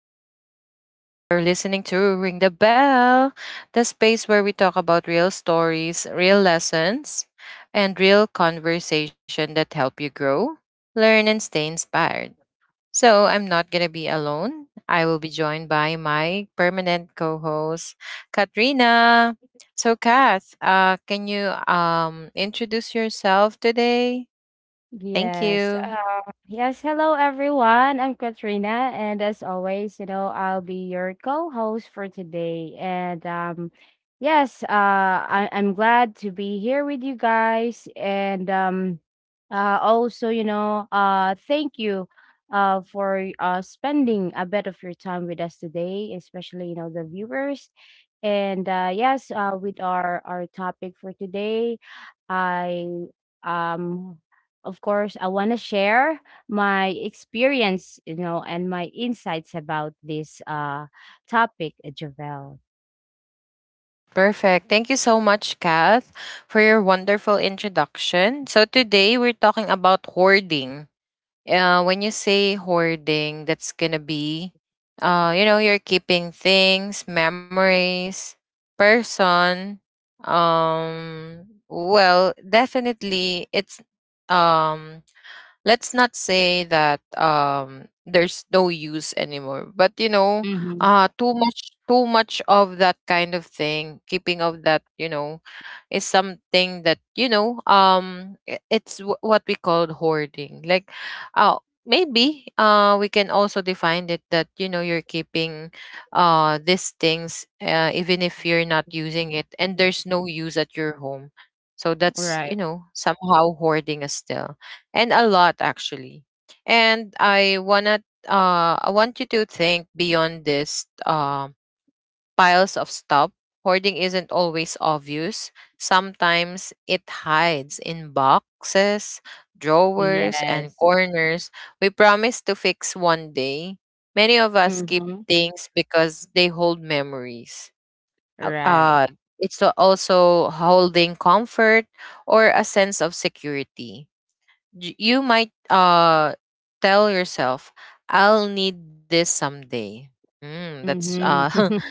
I'm your host, Javelle. You're listening to Ring the Bell, the space where we talk about real stories, real lessons, and real conversation that help you grow, learn, and stay inspired. So, I'm not going to be alone. I will be joined by my permanent co host, Katrina. So, Kath, can you introduce yourself today? Thank Yes. you. Uh, yes. Hello, everyone. I'm Katrina, and as always, you know, I'll be your co-host for today. And I'm glad to be here with you guys. And also, thank you, for spending a bit of your time with us today, especially you know the viewers. And with our topic for today, I um of course, I want to share my experience, you know, and my insights about this topic, Javel. Perfect. Thank you so much, Kath, for your wonderful introduction. So today we're talking about hoarding. When you say hoarding, that's gonna be, you know, you're keeping things, memories, person. Well, definitely, it's um let's not say that there's no use anymore, but you know Mm-hmm. Too much of that kind of thing, keeping of that, you know, is something that, you know, what we call hoarding. Uh Maybe we can also define it that, you know, you're keeping these things even if you're not using it and there's no use at your home. So that's, Right. you know, somehow hoarding as still and a lot, actually. And I want you to think beyond this piles of stuff. Hoarding isn't always obvious. Sometimes it hides in boxes, drawers, and Yes. corners we promise to fix one day. Many of us keep Mm-hmm. things because they hold memories. Uh, Right. uh, it's also holding comfort or a sense of security. You might tell yourself, "I'll need this someday." Mm, that's Mm-hmm.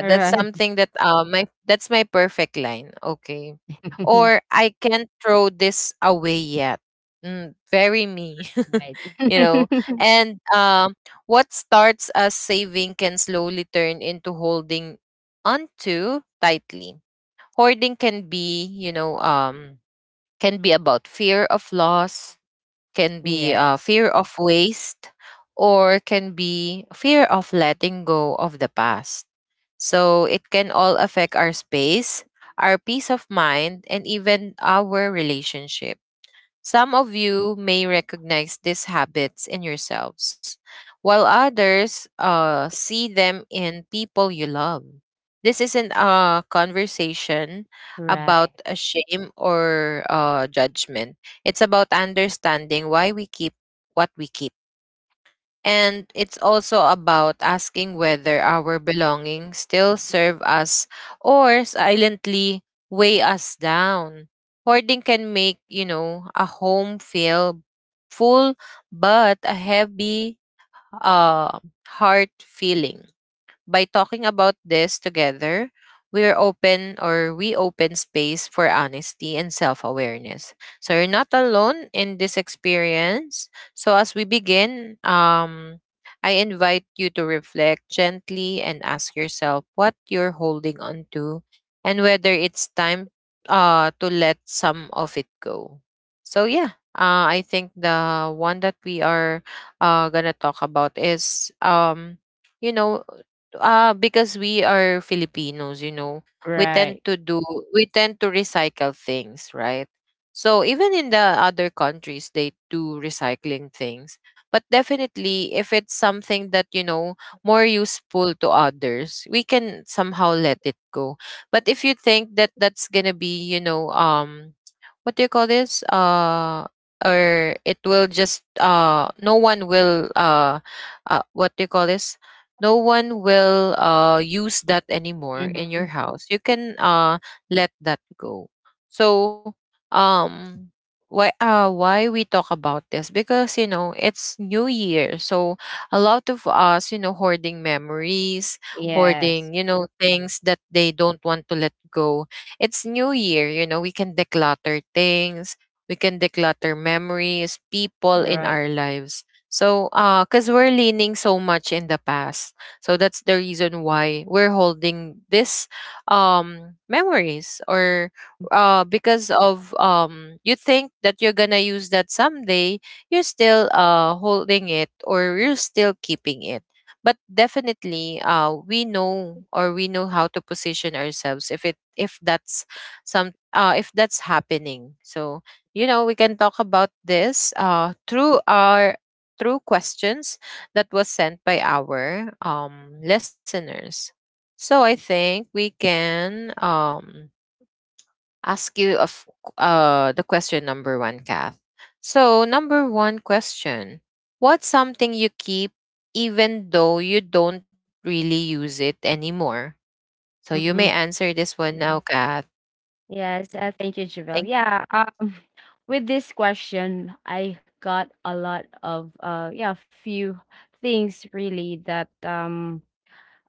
that's Right. something that my that's my perfect line. Okay. Or I can't throw this away yet. Mm, very me. Right. You know. And what starts as saving can slowly turn into holding onto tightly. Hoarding can be, you know, can be about fear of loss, can be Yes. fear of waste, or can be fear of letting go of the past. So it can all affect our space, our peace of mind, and even our relationship. Some of you may recognize these habits in yourselves, while others see them in people you love. This isn't a Right. conversation about a shame or judgment. It's about understanding why we keep what we keep. And it's also about asking whether our belongings still serve us or silently weigh us down. Hoarding can make, you know, a home feel full but a heavy uh, heart feeling. By talking about this together, we are open, or we open space for honesty and self awareness. So you're not alone in this experience. So as we begin, I invite you to reflect gently and ask yourself what you're holding on to and whether it's time to let some of it go. So, yeah, I think the one that we are gonna talk about is, you know, because we are Filipinos, you know, we Right. tend to do, we tend to recycle things, right? So even in the other countries, they do recycling things. But definitely, if it's something that, you know, more useful to others, we can somehow let it go. But if you think that that's going to be, you know, what do you call this, or it will just no one will what do you call this, no one will use that anymore in your Mhm. house, you can let that go. So um why we talk about this, because you know it's new year, so a lot of us, you know, hoarding memories, Yes. hoarding, you know, things that they don't want to let go. It's new year, you know, we can declutter things, we can declutter memories, people in Right. our lives. So, cause we're leaning so much in the past. So that's the reason why we're holding this, memories, or, because of, you think that you're gonna use that someday, you're still, holding it, or you're still keeping it. But definitely, we know, or we know how to position ourselves if it if that's some if that's happening. So you know we can talk about this through our through questions that was sent by our listeners. So I think we can ask you of the question number one, Kath. So number one question: What's something you keep even though you don't really use it anymore? So you may Mhm. answer this one now, Kath. Yes, thank you, Javel. Thank. Yeah, with this question, I got a lot of few things really that um,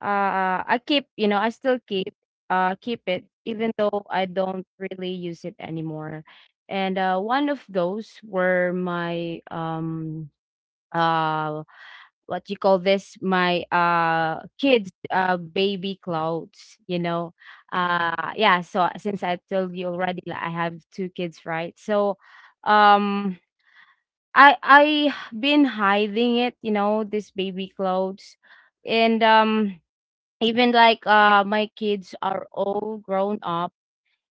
uh, I keep, you know, I still keep it even though I don't really use it anymore. And one of those were my uh what you call this my kids baby clothes, you know. Since I told you already, like, I have two kids, right? So um I been hiding it, you know, this baby clothes, and even like my kids are all grown up,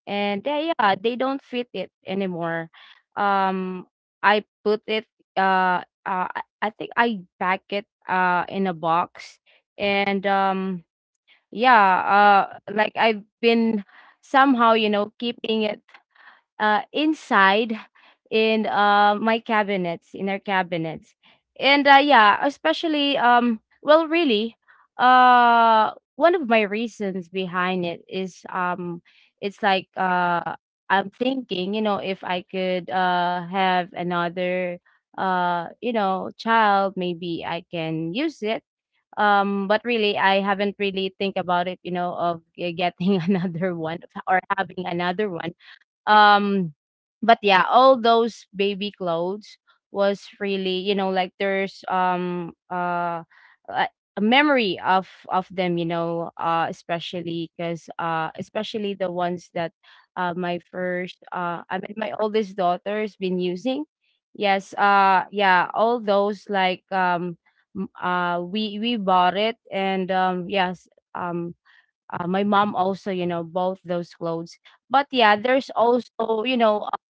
and yeah, they don't fit it anymore. Um, I put it. I think I pack it uh, in a box, and yeah. Like I've been somehow, you know, keeping it inside in my cabinets, in our cabinets. And yeah, especially, well, really, one of my reasons behind it is it's like I'm thinking, you know, if I could have another, you know, child, maybe I can use it. But really, I haven't really think about it, you know, of getting another one or having another one. um but yeah, all those baby clothes was really, you know, like there's a memory of them, you know, especially because especially the ones that my first I mean my oldest daughter's been using, yes. Yeah all those, like, um, we bought it, and yes. Um, my mom also, you know, both those clothes. But yeah, there's also, you know, uh,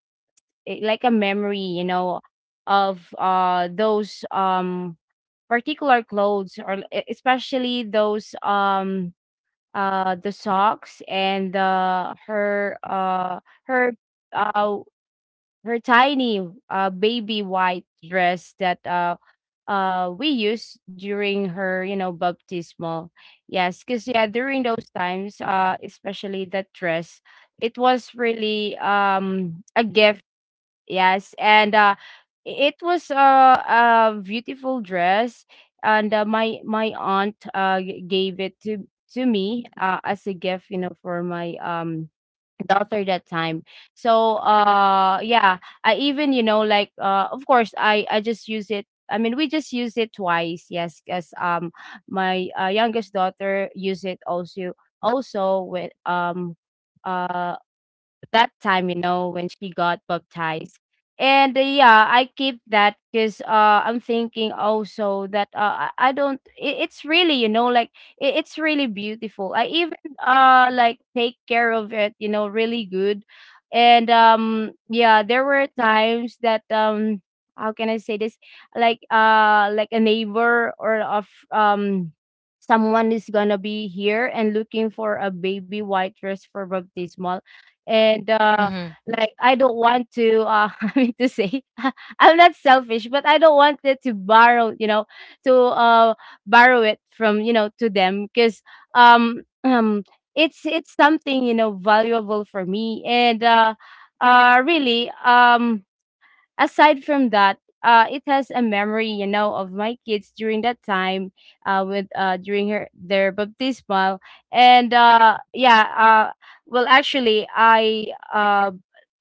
i- like a memory, you know, of those particular clothes or especially those the socks and her her uh her tiny baby white dress that we used during her, you know, baptismal. Yes, because yeah, during those times, especially that dress, it was really a gift. Yes, and it was a beautiful dress, and my aunt gave it to me as a gift, you know, for my daughter that time. So I even, you know, like of course I just use it. I mean we just use it twice, yes, because my youngest daughter use it also, also with uh that time, you know, when she got baptized. And yeah, I keep that because I'm thinking also that uh, I don't. It's really, you know, it, it's really beautiful. I even like take care of it, you know, really good. And yeah, there were times that how can I say this? Like a neighbor or of someone is gonna be here and looking for a baby white dress for baptismal, and Hmm. like I don't want to I mean to say I'm not selfish, but I don't want it to borrow, you know, to borrow it from, you know, to them because um um it's something, you know, valuable for me, and uh really aside from that, it has a memory, you know, of my kids during that time, with during her their baptismal, and yeah, well, actually, uh,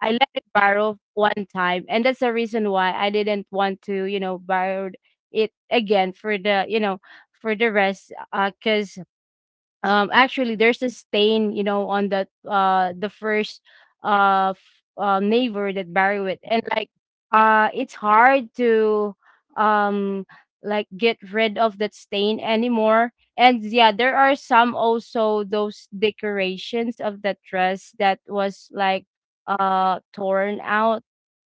I let it borrow one time, and that's the reason why I didn't want to, you know, borrow it again for the, you know, for the rest, because actually there's a stain, you know, on that the first uh, f- neighbor that buried with, and it's hard to um like get rid of that stain anymore. And yeah, there are some also those decorations of that dress that was torn out.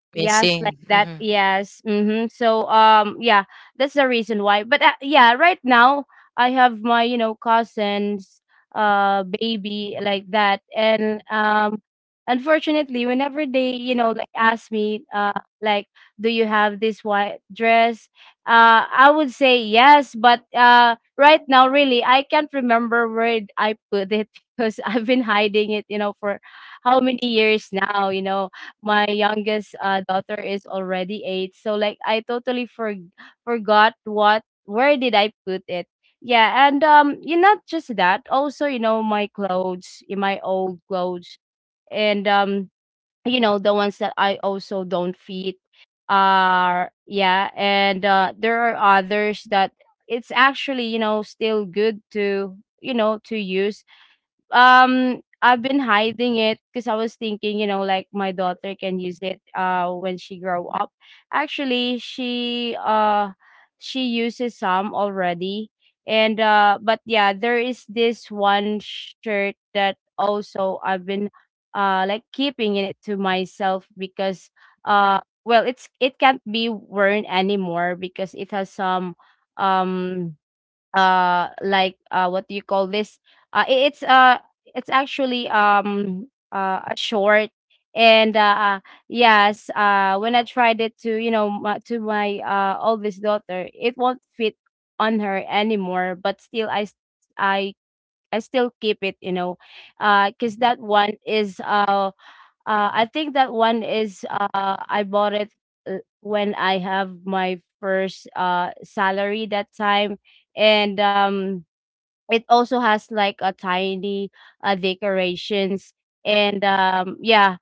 Yes, like Missing. that. Mm-hmm. Yes. Mm-hmm. So, yeah, that's the reason why. But yeah, right now I have my, you know, cousins, baby like that, and unfortunately, whenever they, you know, like ask me, like, do you have this white dress? I would say yes, but right now, really, I can't remember where I put it because I've been hiding it, you know, for how many years now, you know, my youngest, daughter is already 8, so, like, I totally forgot what where did I put it. Yeah, and, you not just that, also, you know, my clothes, eh, my old clothes, and, you know, the ones that I also don't fit, are yeah, and, there are others that it's actually, you know, still good to, you know, to use, I've been hiding it because I was thinking, you know, like my daughter can use it when she grow up. Actually, she she uses some already. And but yeah, there is this one shirt that also I've been like keeping it to myself because well, it's it can't be worn anymore because it has some um what do you call this uh i- it's uh it's actually a short and yes when I tried it to, you know, my, to my oldest daughter it won't fit on her anymore, but still I s- i I still keep it, you know, because that one is I think that one is I bought it when I have my first salary that time, and it also has like a tiny decorations and yeah,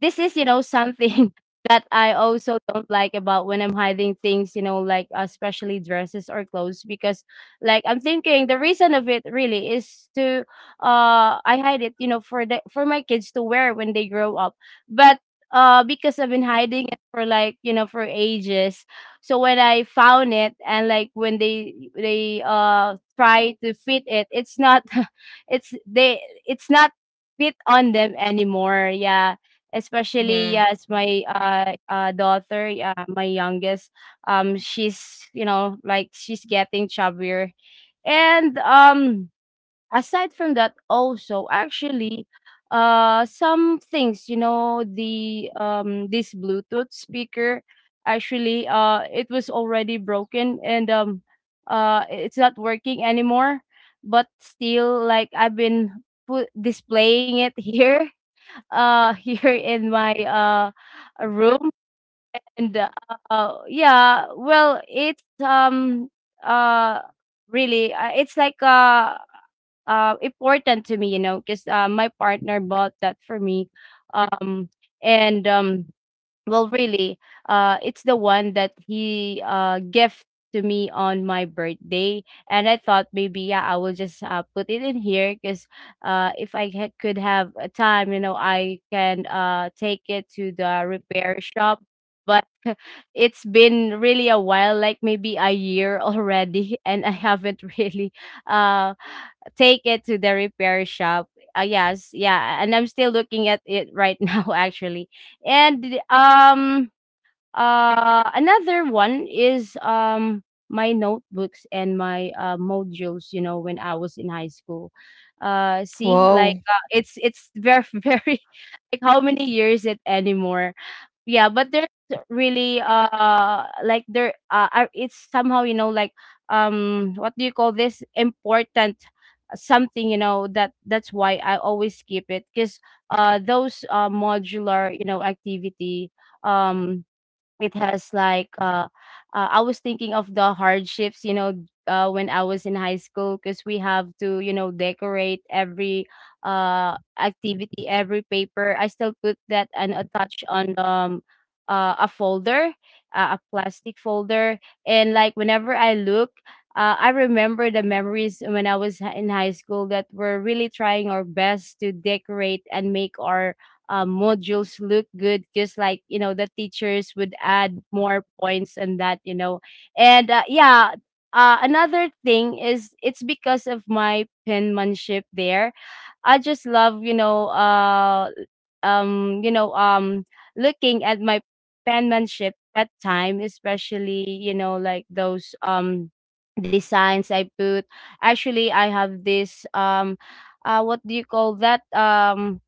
this is, you know, something that I also don't like about when I'm hiding things, you know, like especially dresses or clothes, because like I'm thinking the reason of it really is to I hide it, you know, for the for my kids to wear when they grow up, but because I've been hiding it for like, you know, for ages, so when I found it, and like when they try to fit it, it's not it's they it's not fit on them anymore, yeah. Especially, Hmm. yes, my daughter, my youngest, she's, you know, like she's getting chubbier, and aside from that, also actually, some things, you know, the this Bluetooth speaker, actually, it was already broken, and it's not working anymore, but still like I've been put displaying it here here in my room. And Yeah, well it's uh really it's like important to me, you know, because my partner bought that for me. Um and Well really it's the one that he gift to me on my birthday, and I thought maybe, yeah, I will just put it in here because if I could have a time, you know, I can take it to the repair shop, but it's been really a while, like maybe a year already, and I haven't really uh take it to the repair shop. Yes, yeah, and I'm still looking at it right now actually. And Another one is my notebooks and my modules, you know, when I was in high school. See, Wow, like it's very very, like, how many years it anymore. Yeah, but there's really like it's somehow, you know, like, what do you call this, important, something, you know. That's why I always keep it, because those modular, you know, activity, um it has like, I was thinking of the hardships, you know, when I was in high school, because we have to, you know, decorate every activity, every paper I still put that and attach on a folder, a plastic folder. And, like, whenever I look, I remember the memories when I was in high school, that we're really trying our best to decorate and make our modules look good because, like, you know, the teachers would add more points and that, you know. And yeah, another thing is it's because of my penmanship there. I just love, you know, you know, looking at my penmanship that time, especially, you know, like those designs I put. Actually, I have this what do you call that,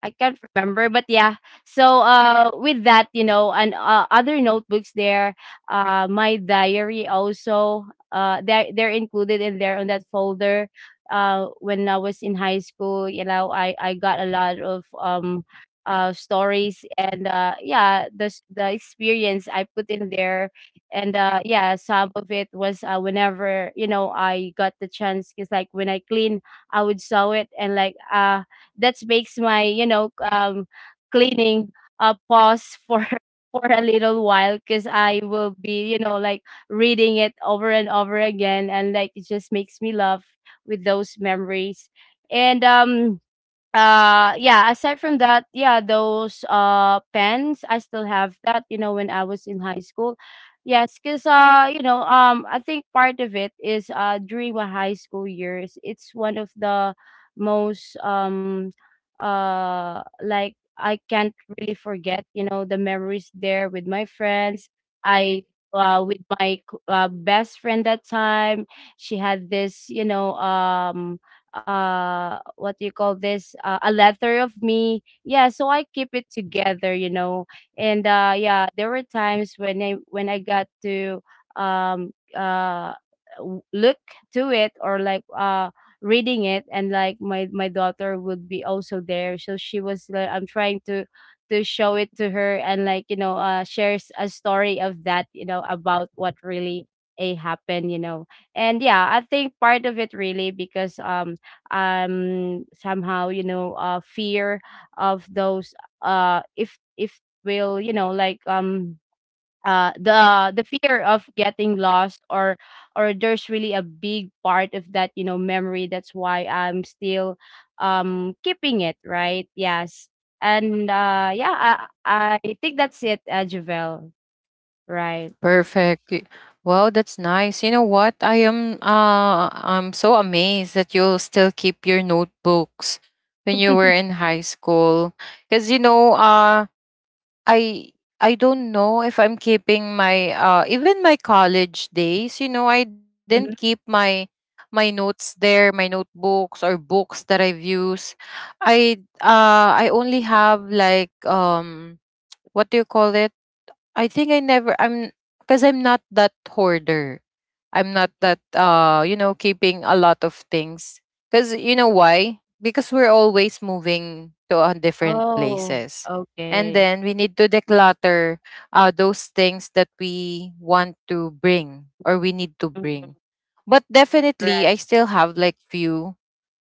I can't remember, but yeah. So with that, you know, and other notebooks there, my diary also, they're included in there on that folder. When I was in high school, you know, I got a lot of stories, and yeah, the experience I put in there. And yeah, some of it was whenever, you know, I got the chance, because, like, when I clean, I would sew it. And like that makes my, you know, cleaning pause for for a little while, because I will be, you know, like, reading it over and over again, and, like, it just makes me laugh with those memories. And yeah, aside from that, yeah, those pens I still have that, you know, when I was in high school. Yes, because you know, I think part of it is during my high school years, it's one of the most, like, I can't really forget, you know, the memories there with my friends. I With my best friend that time, she had this, you know, what do you call this, a letter of me. Yeah, so I keep it together, you know. And yeah, there were times when I got to um uh look to it, or, like, reading it, and like my daughter would be also there, so she was like, I'm trying to show it to her, and, like, you know, shares a story of that, you know, about what really a happened, you know. And yeah, I think part of it really because somehow, you know, fear of those, if will, you know, like, the fear of getting lost, or there's really a big part of that, you know, memory. That's why I'm still keeping it, right? Yes. And yeah, I think that's it, Javel. Right. perfect. Wow, that's nice. You know what? I'm so amazed that you'll still keep your notebooks when you were in high school. Cuz you know, I I don't know if I'm keeping my even my college days, you know, I didn't keep Mhm. My notes there, my notebooks or books that I've used. I only have like what do you call it? I think I never I'm Because I'm not that hoarder. I'm not that you know keeping a lot of things, because you know why, because we're always moving to different Oh, places, and okay. then we need to declutter those things that we want to bring or we need to Mhm. bring. But definitely Right. I still have like few,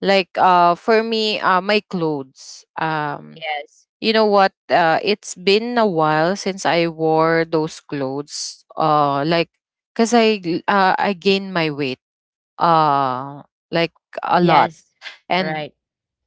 like for me my clothes. Yes. You know what? It's been a while since I wore those clothes. Like, I gained my weight. Uh, like, a lot, Yes. and Right.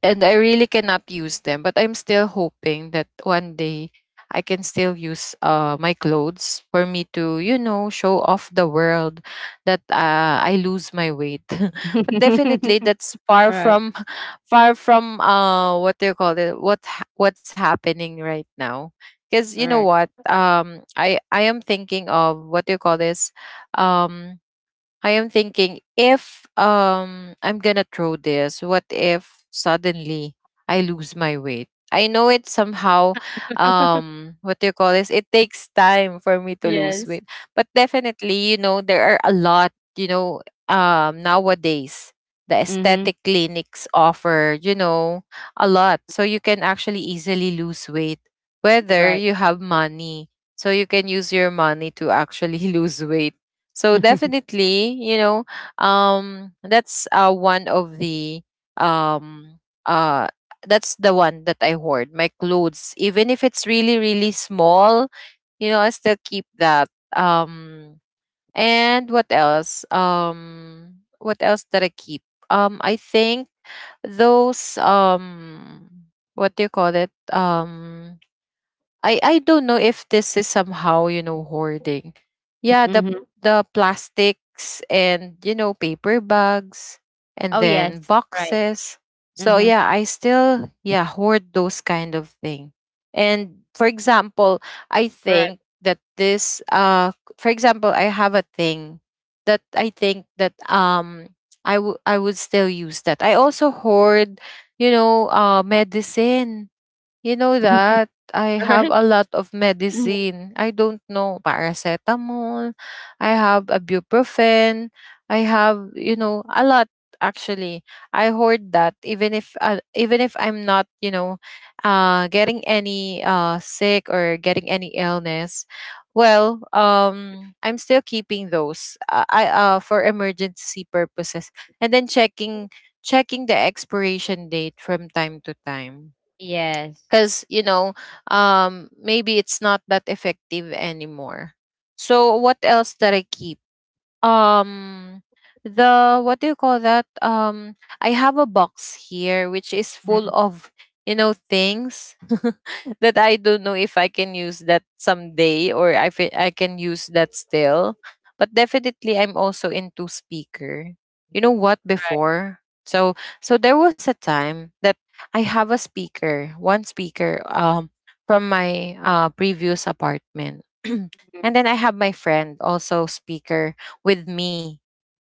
and I really cannot use them. But I'm still hoping that one day I can still use my clothes for me to, you know, show off the world that I lose my weight. But definitely, that's far Alright, from, far from what do you call it? What's happening right now? Because you know alright. what, I am thinking of what do you call this, um, I am thinking if I'm gonna throw this, what if suddenly I lose my weight? I know it somehow what do you call this? It takes time for me to lose Yes. weight. But definitely, you know, there are a lot, you know, nowadays the Mhm. aesthetic clinics offer, you know, a lot. So you can actually easily lose weight whether Right. you have money. So you can use your money to actually lose weight. So definitely, you know, that's one of the um, uh, that's the one that I hoard my clothes, even if it's really really small. You know, I still keep that. Um, and what else? What else that I keep? I think those what do you call it? I don't know if this is somehow you know hoarding. Yeah, Mhm. the plastics, and you know, paper bags, and Oh, then yes. Right. boxes. So Mhm. yeah, I still yeah hoard those kind of thing. And for example, I All right. think that this for example, I have a thing that I think that I would still use that. I also hoard, you know, medicine, you know, All that I have right. a lot of Mhm. medicine. I don't know, paracetamol. I have ibuprofen. I have, you know, a lot actually. I hoard that even if I'm not, you know, getting any sick or getting any illness. Well, I'm still keeping those. I For emergency purposes, and then checking the expiration date from time to time, Yes. because you know maybe it's not that effective anymore. So what else that I keep? um the what do you call that, I have a box here which is full Mhm. of, you know, things that I don't know if I can use that someday or if it- I can use that still. But definitely I'm also into speaker, you know what, Right. before. So so there was a time that I have a speaker, one speaker, from my previous apartment, and Mhm. then I have my friend also speaker with me,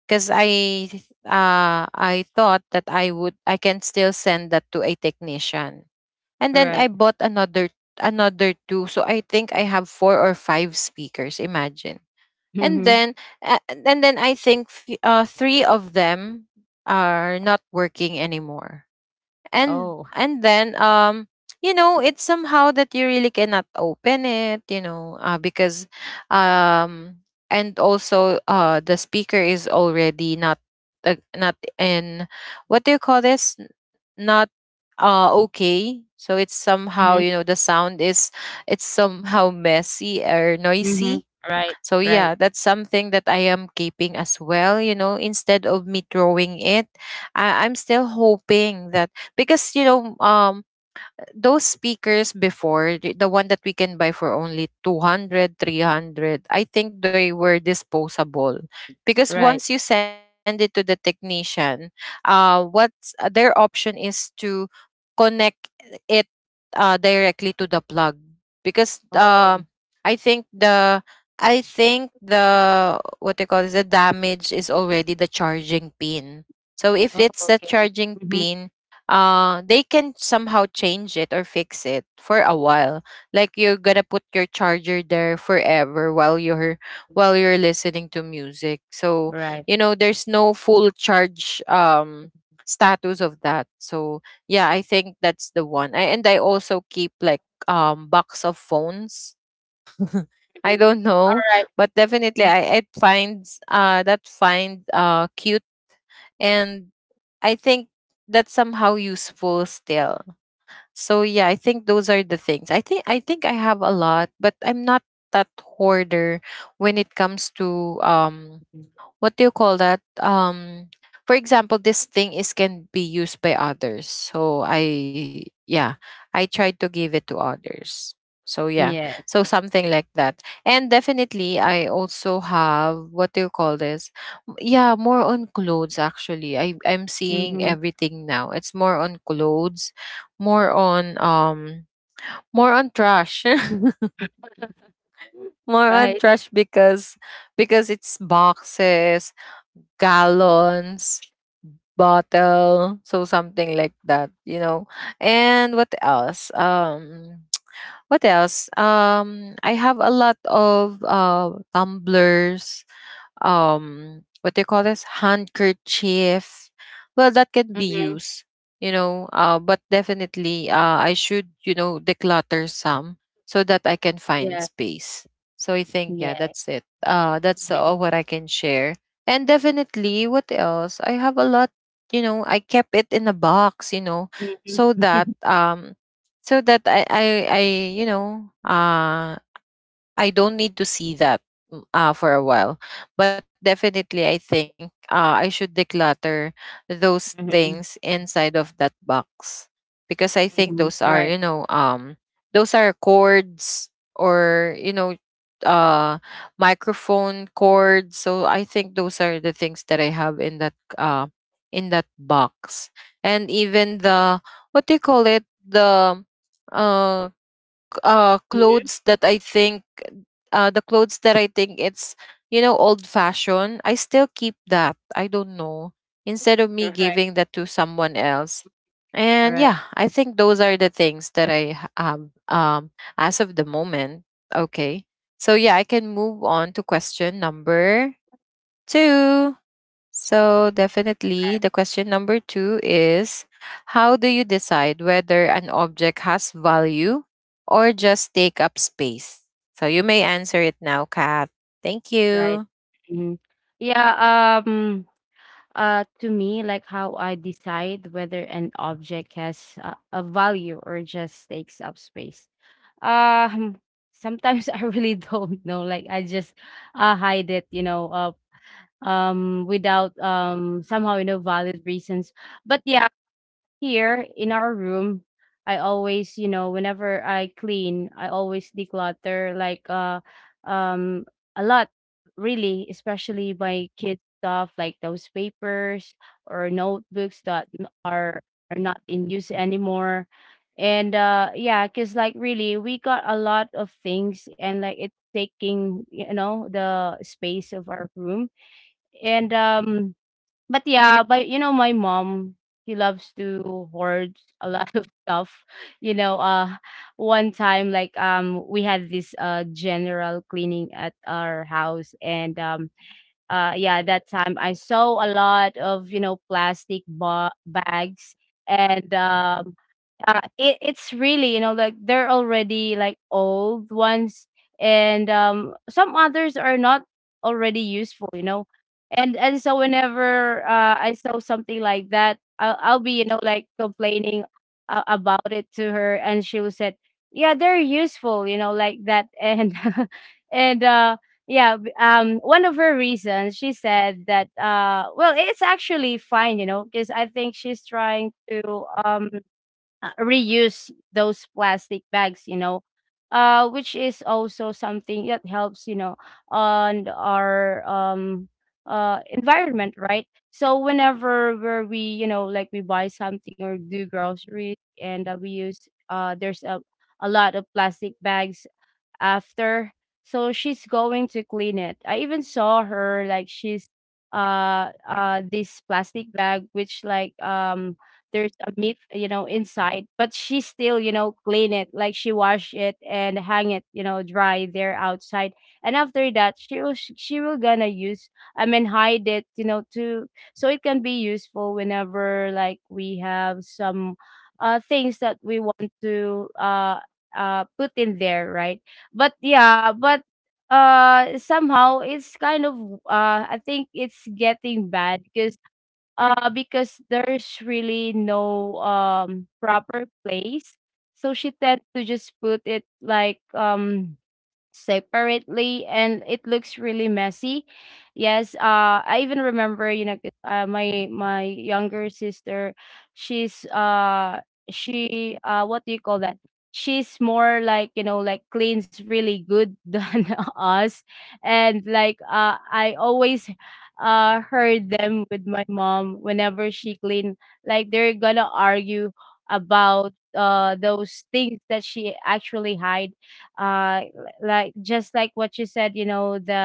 because I thought that I can still send that to a technician. And then Right. I bought another another two, so I think I have four or five speakers. Imagine. And Mhm. then and then I think three of them are not working anymore, and Oh. Then you know it's somehow that you really cannot open it, you know, because um and also the speaker is already not not in what do you call this, not okay, so it's Mhm. somehow, you know, the sound is, it's somehow messy or Mhm. noisy. Right. So Right. yeah, that's something that I am keeping as well. You know, instead of me throwing it, I'm still hoping that because you know, those speakers before, the one that we can buy for only 200, 300, I think they were disposable. Because Right. once you send it to the technician, what's their option is to connect it directly to the plug. Because Oh. I think the I think the what they call is the damage is already the charging pin. So if Oh, it's the okay. charging Mhm. pin, they can somehow change it or fix it for a while, like you're gonna put your charger there forever while you're listening to music. So Right. you know there's no full charge status of that. So yeah, I think that's the one and I also keep like box of phones. I Mhm. don't know, Alright. but definitely I find that, find cute, and I think that's somehow useful still. So yeah, I think those are the things. I think I have a lot, but I'm not that hoarder when it comes to Mhm. what do you call that? For example, this thing is can be used by others. So I, yeah, I try to give it to others. So yeah, Yes. so something like that. And definitely, I also have what do you call this? Yeah, more on clothes actually. I'm seeing Mhm. everything now. It's more on clothes, more on more on trash. More on Right. trash because it's boxes, gallons, bottle, so something like that, you know. And what else? What else? I have a lot of tumblers, what they call this, handkerchief, well, that can be Mhm. used, you know. But definitely, I should, you know, declutter some so that I can Yeah. find space. So I think, yeah, Yeah. that's it. That's all what I can share. And definitely, what else, I have a lot. You know, I kept it in a box, you know, Mhm. so that Mhm. So that I, you know, I don't need to see that for a while. But definitely, I think I should declutter those Mhm. things inside of that box, because I think Mhm. those are, Right. you know, those are cords or, you know, uh microphone cords. So I think those are the things that I have in that, uh in that box. And even the what do you call it, the uh Mhm. clothes that I think, the clothes that I think it's, you know, old fashioned, I still keep that. I don't know. Instead of me Right. giving that to someone else, and Right. yeah, I think those are the things that have, as of the moment. Okay, so yeah, I can move on to question number two. So, definitely, Right. the question number two is: how do you decide whether an object has value or just take up space? So, you may answer it now, Kat. Thank Right. you. Mhm. Yeah, um to me, like, how I decide whether an object has a value or just takes up space. Um Sometimes I really don't know, like I just hide it, you know, without somehow, you know, valid reasons. But yeah, here in our room, I always, you know, whenever I clean, I always declutter, like um a lot, really, especially my kids stuff, like those papers or notebooks that are not in use anymore. And yeah, cuz, like, really, we got a lot of things, and, like, it's taking, you know, the space of our room. And but yeah, but, you know, my mom, she loves to hoard a lot of stuff. You know, one time, like, we had this general cleaning at our house. And yeah, that time I saw a lot of, you know, plastic bags. And it's really, you know, like, they're already like old ones. And some others are not already useful, you know. And so whenever I saw something like that, I'll be, you know, like, complaining about it to her, and she will said, yeah, they're useful, you know, like that. And and yeah, one of her reasons, she said that, well, it's actually fine, you know, because I think she's trying to reuse those plastic bags, you know, which is also something that helps, you know, on our environment, right? So whenever where we, you know, like, we buy something or do groceries, and we use, there's a lot of plastic bags after. So she's going to clean it. I even saw her, like she's this plastic bag which, like, there's a meat, you know, inside, but she still, you know, clean it, like she wash it and hang it, you know, dry there outside. And after that, she will she will gonna use, I mean, hide it, you know, to, so it can be useful whenever, like, we have some things that we want to put in there, right? But yeah, but somehow it's kind of, I think, it's getting bad because there's really no proper place. So she tend to just put it like separately, and it looks really messy. Yes, I even remember, you know, 'cause, my younger sister, she's she what do you call that? She's more, like, you know, like, cleans really good than us. And, like, I always heard them with my mom whenever she clean, like, they're gonna argue about those things that she actually hide, uh like, just like what you said, you know, the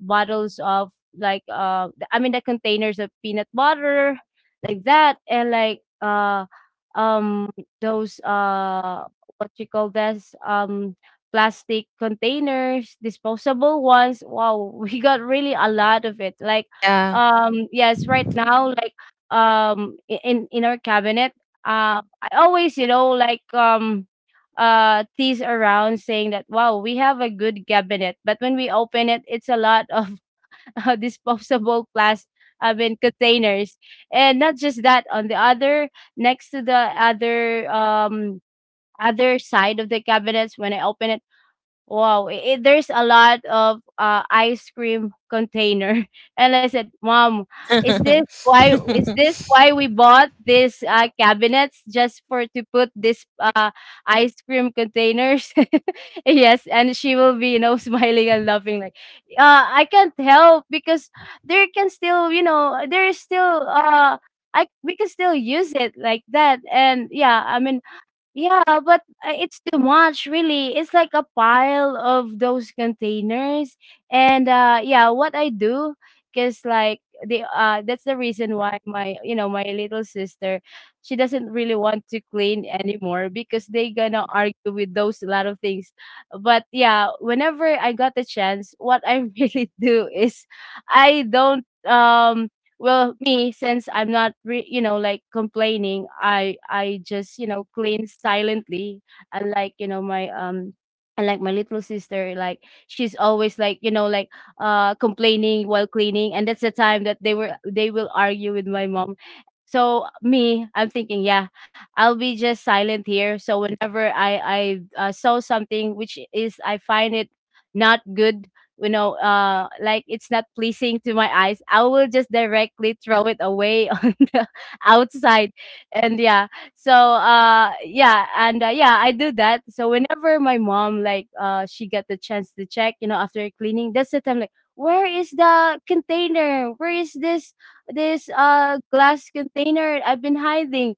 bottles of, like, I mean the containers of peanut butter, like that. And, like, um those what you call this, plastic containers, disposable ones. Wow, we got really a lot of it. Like, Yeah. Yes, right now, like, in our cabinet, I always, you know, like, tease around, saying that wow, we have a good cabinet, but when we open it, it's a lot of disposable plastic, I mean, containers. And not just that, on the other, next to the other, other side of the cabinets, when I open it, wow, there's a lot of ice cream container, and I said, "Mom, is this why? Is this why we bought these cabinets just for to put this ice cream containers?" Yes, and she will be, you know, smiling and laughing, like, "I can't help, because there can still, you know, there is still." I, we can still use it like that, and yeah, I mean, yeah, but it's too much, really. It's like a pile of those containers. And yeah, what I do, cuz, like, the that's the reason why my, you know, my little sister, she doesn't really want to clean anymore because they gonna argue with those lot of things. But yeah, whenever I got the chance, what I really do is, I don't, well, me, since I'm not you know, like, complaining, I just, you know, clean silently. Unlike, you know, my unlike my little sister, like, she's always, like, you know, like, complaining while cleaning. And that's the time that they will argue with my mom. So me, I'm thinking, yeah, I'll be just silent here. So whenever I saw something which is I find it not good, you know, like, it's not pleasing to my eyes, I will just directly throw it away on the outside. And yeah, so yeah, and yeah, I do that. So whenever my mom, like, she got the chance to check, you know, after cleaning, that's the time, like, where is the container? Where is this glass container I've been hiding?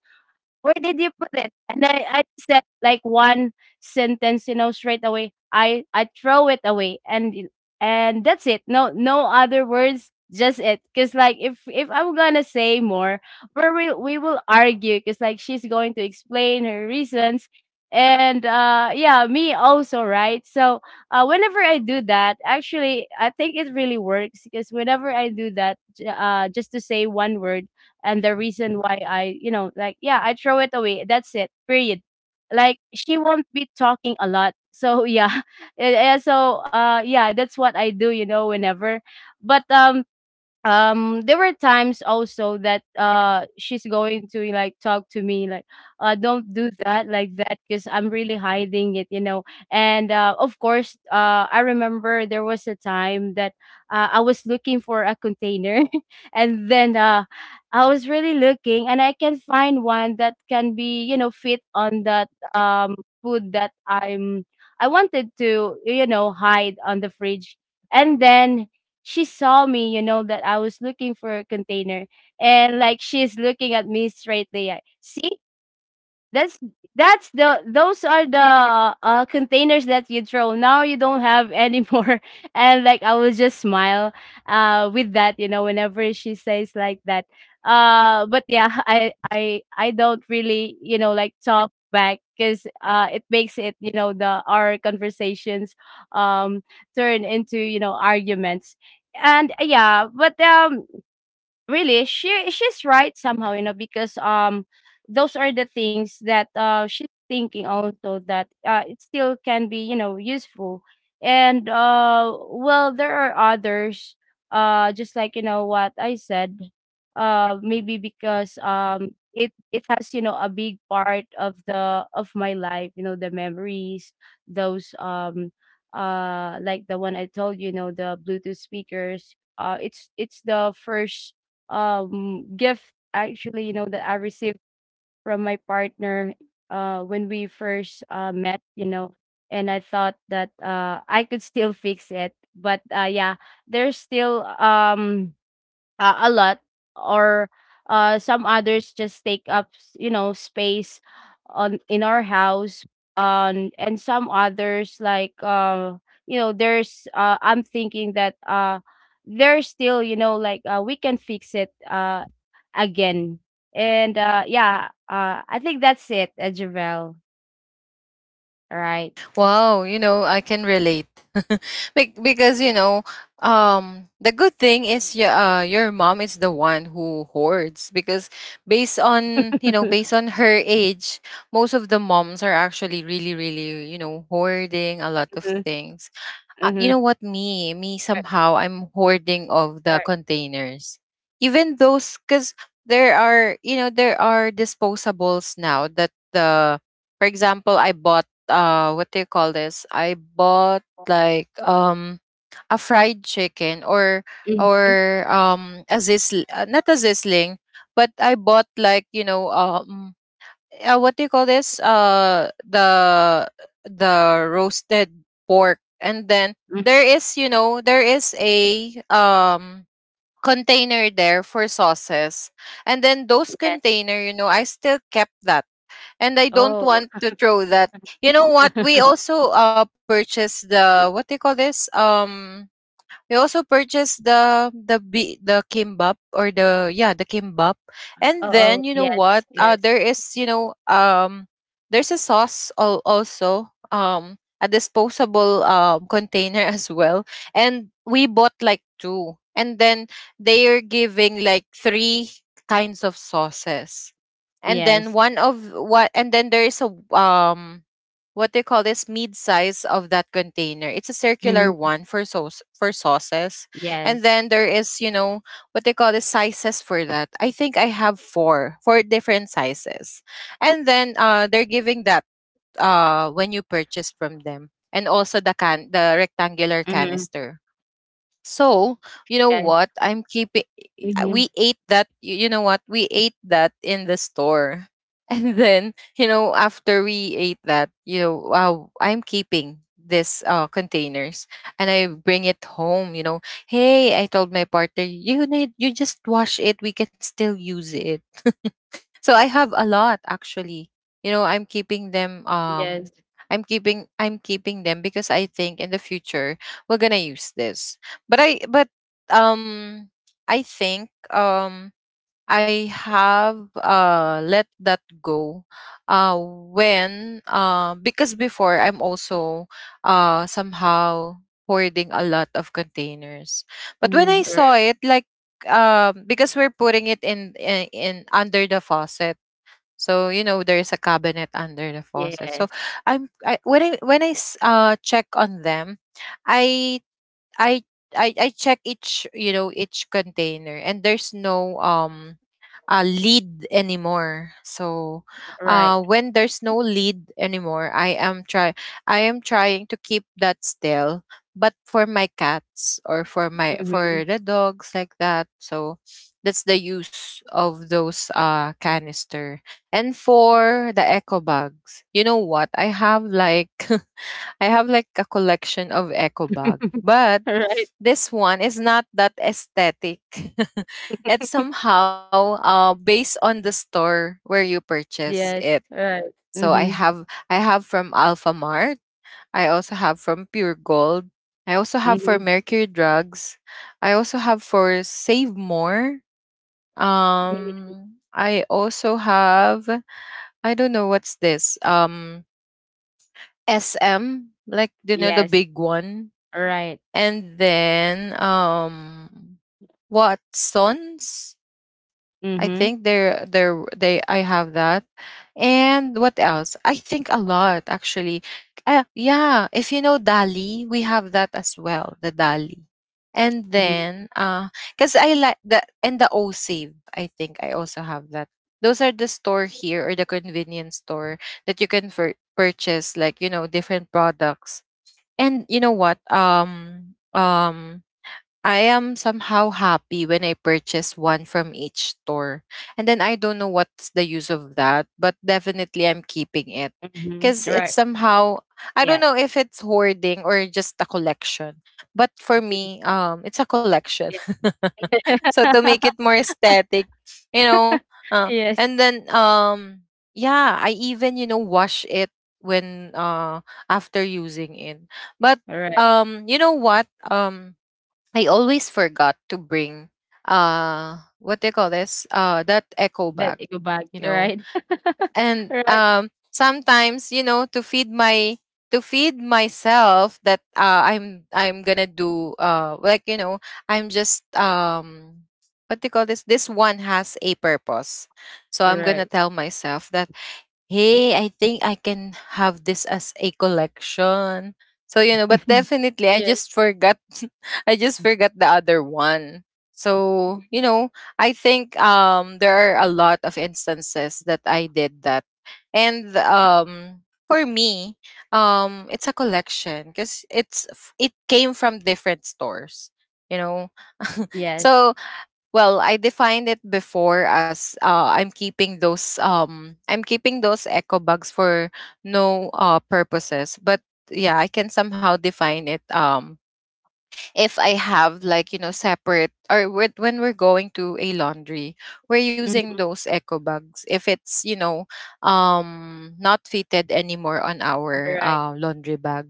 Where did you put it? And I said, like, one sentence, you know, straight away. I throw it away, and and that's it. No, no other words, just it. Cause like, if I'm gonna say more, we will argue. Cause, like, she's going to explain her reasons, and yeah, me also, right? So whenever I do that, actually, I think it really works, because whenever I do that, just to say one word and the reason why I, you know, like, yeah, I throw it away. That's it. Period. Like, she won't be talking a lot. So yeah. Yeah, so yeah, that's what I do, you know, whenever. But there were times also that she's going to like talk to me like don't do that like that because I'm really hiding it, you know. And of course, I remember there was a time that I was looking for a container and then I was really looking and I can find one that can be, you know, fit on that food that I wanted to, you know, hide on the fridge. And then she saw me, you know, that I was looking for a container. And like she's looking at me straightly, like, see, that's that's the those are the containers that you throw. Now you don't have anymore. And like I will just smile with that, you know, whenever she says like that. But yeah, I don't really, you know, like talk back because it makes it, you know, the our conversations um turn into, you know, arguments. And yeah, but really she's right somehow, you know, because those are the things that she's thinking also that it still can be, you know, useful. And well, there are others, just like, you know, what I said, maybe because it has, you know, a big part of the of my life, you know, the memories, those like the one I told you, you know, the Bluetooth speakers. It's the first gift, actually, you know, that I received from my partner when we first met, you know. And I thought that I could still fix it, but yeah, there's still a lot, or some others just take up you know, space on in our house. And some others like you know, there's I'm thinking that there's still, you know, like, we can fix it again. And yeah, I think that's it, Javel. Right. Wow, you know, I can relate. Because, you know, the good thing is your mom is the one who hoards, because based on, you know, based on her age, most of the moms are actually really, really, you know, hoarding a lot Mm-hmm. of things. Mm-hmm. You know what? Me, Right. somehow, I'm hoarding of Right. the containers. Even those, because there are, you know, there are disposables now that the, for example, I bought, what do you call this? I bought like, a fried chicken, Mhm. or, a zis, not a zisling, but I bought like, you know, what do you call this? The roasted pork, and then Mhm. there is, you know, there is a container there for sauces, and then those Yes. container, you know, I still kept that, and I don't Oh. want to throw that. You know what? We also purchased the, what do you call this? We also purchased the the kimbap, or the, yeah, the kimbap, Oh. and Oh, then you know yes, what? Yes. There is, you know, there's a also a disposable container as well, and we bought like two, and then they are giving like three kinds of sauces, and then Yes. one of what, and then there is a what they call this, mid size of that container. It's a circular Mhm. one for sauce, for sauces. And Yes. then there is, you know, what they call the sizes for that. I think I have four, four different sizes. And then they're giving that when you purchase from them. And also the can, the rectangular Mhm. canister. So, you know Yes. what? I'm keeping, Mhm. we ate that y- you know what? We ate that in the store. And then, you know, after we ate that, you know, wow, I'm keeping this containers and I bring it home, you know. Hey, I told my partner, you just wash it, we can still use it. So I have a lot actually. You know, I'm keeping them, Yes. I'm keeping them because I think in the future we're going to use this. But um I think, I have, let that go when because before I'm also somehow hoarding a lot of containers. But when I Mhm. saw Right. it like, because we're putting it in, in under the faucet, so you know there's a cabinet under the faucet. Yes. So I'm I when I check on them, I I I check each, you know, each container, and there's no lead anymore. So Right. When there's no lead anymore, I am trying to keep that still. But for my cats, or for my, Mhm. for the dogs like that, so that's the use of those canister. And for the eco bags, you know what? I have like, I have like a collection of eco bag, but Right. this one is not that aesthetic. It's somehow based on the store where you purchase Yes. it. Right. So I Mhm. have, I have from Alpha Mart. I also have from Pure Gold. I also have for Mhm. Mercury Drugs. I also have for Save More. Mhm. I also have, I don't know what's this. SM, like, you know, the Yes. big one, Right. and then Watsons. I think Mhm. They're they I have that. And what else? I think a lot actually. Yeah, if you know Dali, we have that as well, the Dali. And Mhm. then cuz I like that, and the O Save, I think I also have that. Those are the store here, or the convenience store, that you can purchase like, you know, different products. And you know what? I am somehow happy when I purchase one from each store. And then I don't know what's the use of that, but definitely I'm keeping it, Mhm. because it's Right. somehow, I don't Yeah. know if it's hoarding or just a collection. But for me, it's a collection. Yes. So, to make it more aesthetic, you know, uh, Yes. and then yeah, I even, you know, wash it when after using it. But Right. You know what, I always forgot to bring what they call this, that echo That bag, go bag. you know. Right. And Right. Sometimes, you know, to feed my, to feed myself that, I'm gonna do, like, you know, I'm just what do you call this, this one has a purpose. So I'm gonna Right. tell myself that hey, I think I can have this as a collection. So, you know, but definitely I Yes. just forgot, I just forgot the other one. So, you know, I think there are a lot of instances that I did that. And for me, it's a collection because it came from different stores, you know. Yes. So well, I defined it before as, I'm keeping those, I'm keeping those eco bags for no purposes. But yeah, I can somehow define it if I have like, you know, separate, or with, when we're going to a laundry, we're using Mhm. those eco bags if it's, you know, not fitted anymore on our Right. Laundry bag.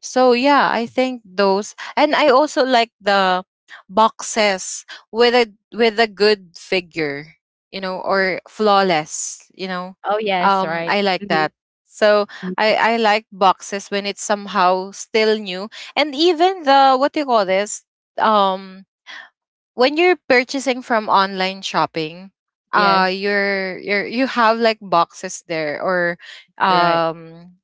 So yeah, I think those, and I also like the boxes with a, with a good figure, you know, or flawless, you know. Oh, yes. Right. I like Mhm. that. So Mhm. I like boxes when it's somehow still new, and even the what do you call this? Um, when you're purchasing from online shopping, Yes. You're you have like boxes there, or Right. um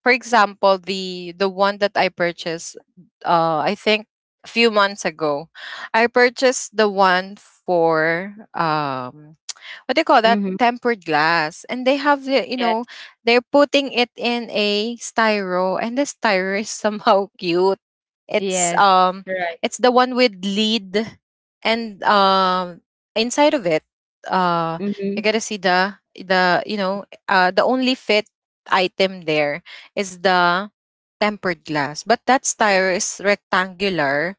for example, the one that I purchased, I think a few months ago, I purchased the one for what do you call that, Mhm. tempered glass, and they have the, you Yes, know, they're putting it in a styro, and the styro is somehow cute. it's yes, um right. it's the one with lead and inside of it, uh you Mhm, gotta see the the only fit item there is the tempered glass. But that tire is rectangular.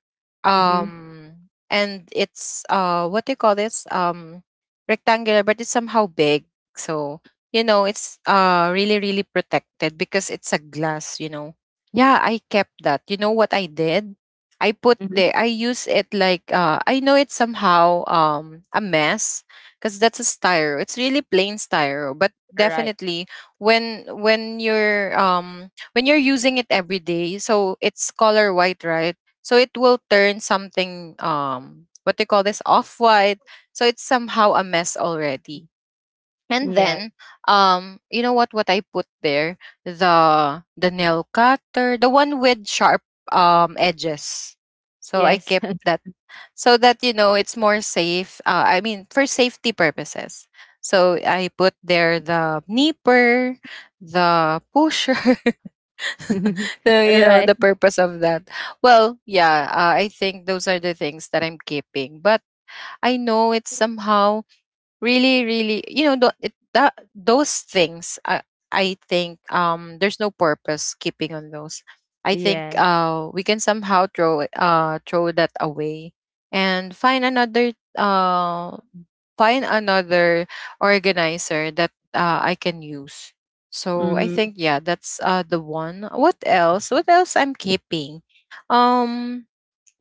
mhm, Um and it's what do you call this? Rectangular but it's somehow big. So, you know, it's really, really protected because it's a glass, you know. Yeah, I kept that. You know what I did? I put the, mhm. I use it like I know it's somehow a mess because that's a styro. It's really plain styro, but Right. definitely when you're when you're using it every day, so it's color white, right? So it will turn something what they call this, off white. So it's somehow a mess already. And Yeah. then you know what I put there? The nail cutter, the one with sharp edges. So I Yes. kept that so that, you know, it's more safe. I mean for safety purposes. So I put there the nipper, the pusher, the Right. the purpose of that. Well, yeah, I think those are the things that I'm keeping, but I know it's somehow really, really, you know, tho- it, that those things I think there's no purpose keeping on those. I think Yeah. We can somehow throw that away and find another organizer that, I can use. So I Mhm. think, yeah, that's the one. What else? What else I'm keeping? Um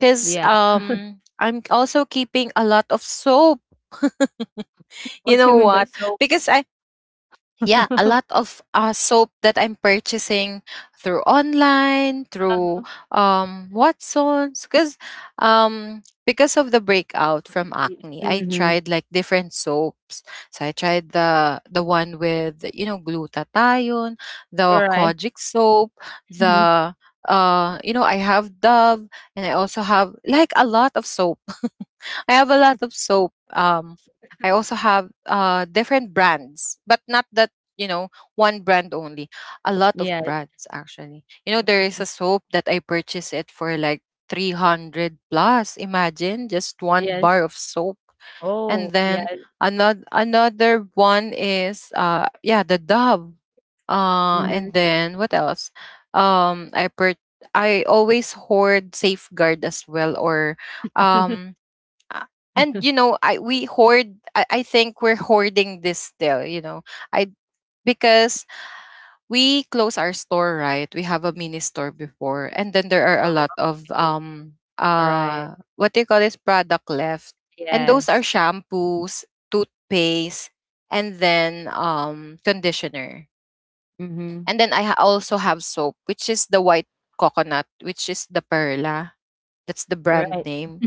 Cuz Yeah. I'm also keeping a lot of soap. You What know you mean by what? soap? Because I, yeah, a lot of soap that I'm purchasing through online, through Uh-huh. Watsons, because of the breakout from acne, I Mhm. tried like different soaps. So I tried the one with, you know, glutathione, the Right. Kojic soap, Mhm. the you know, I have Dove, and I also have like a lot of soap. I have a lot of soap. I also have different brands, but not that, you know, one brand only. A lot of Yes. brands, actually. You know, there is Mhm. a soap that I purchased it for like 300 plus. Imagine just one bar Yes. of soap, and Oh, then yes. another one is yeah, the Dove. And Mhm. then what else? Um, I per I always hoard Safeguard as well, or um uh, and, you know, I think we're hoarding this still, you know, I because we close our store, right? We have a mini store before, and then there are a Oh, lot of okay. All right. What do you call this, product left, and those are Yes. shampoos, toothpaste, and then conditioner, Mm-hmm. and then also have soap, which is the white coconut, which is the Perla. That's the Right. brand name.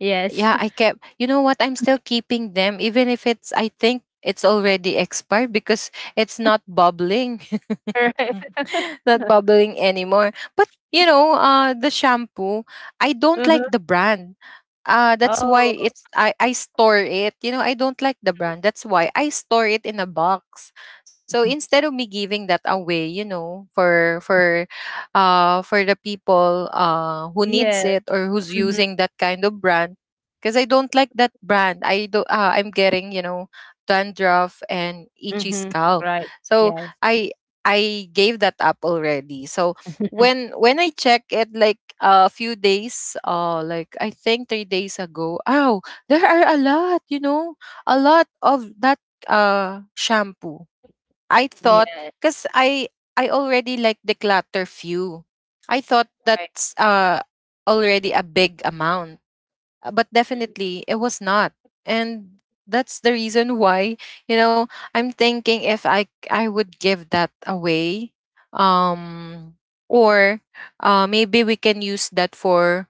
Yes. Yeah, I kept, you know what, I'm still keeping them even if it's, I think it's already expired because it's not bubbling, All right. not bubbling anymore. But, you know, the shampoo, I don't like Uh-huh. the brand, that's why Oh, it's I store it. You know, I don't like the brand, that's why I store it in a box, so instead of me giving that away, you know, for the people who needs yes. it or who's Mm-hmm. using that kind of brand, because I don't like that brand. I do. I'm getting, you know, dandruff and itchy Mm-hmm. scalp. Right. So Yes. I I gave that up already. So when when I check it like a few days, like I think 3 days ago. Oh, there are a lot. You know, a lot of that shampoo. I thought, Yeah, because I already like declutter few. I thought right. that's already a big amount, but definitely it was not. And that's the reason why, you know, I'm thinking if I would give that away, um or maybe we can use that for,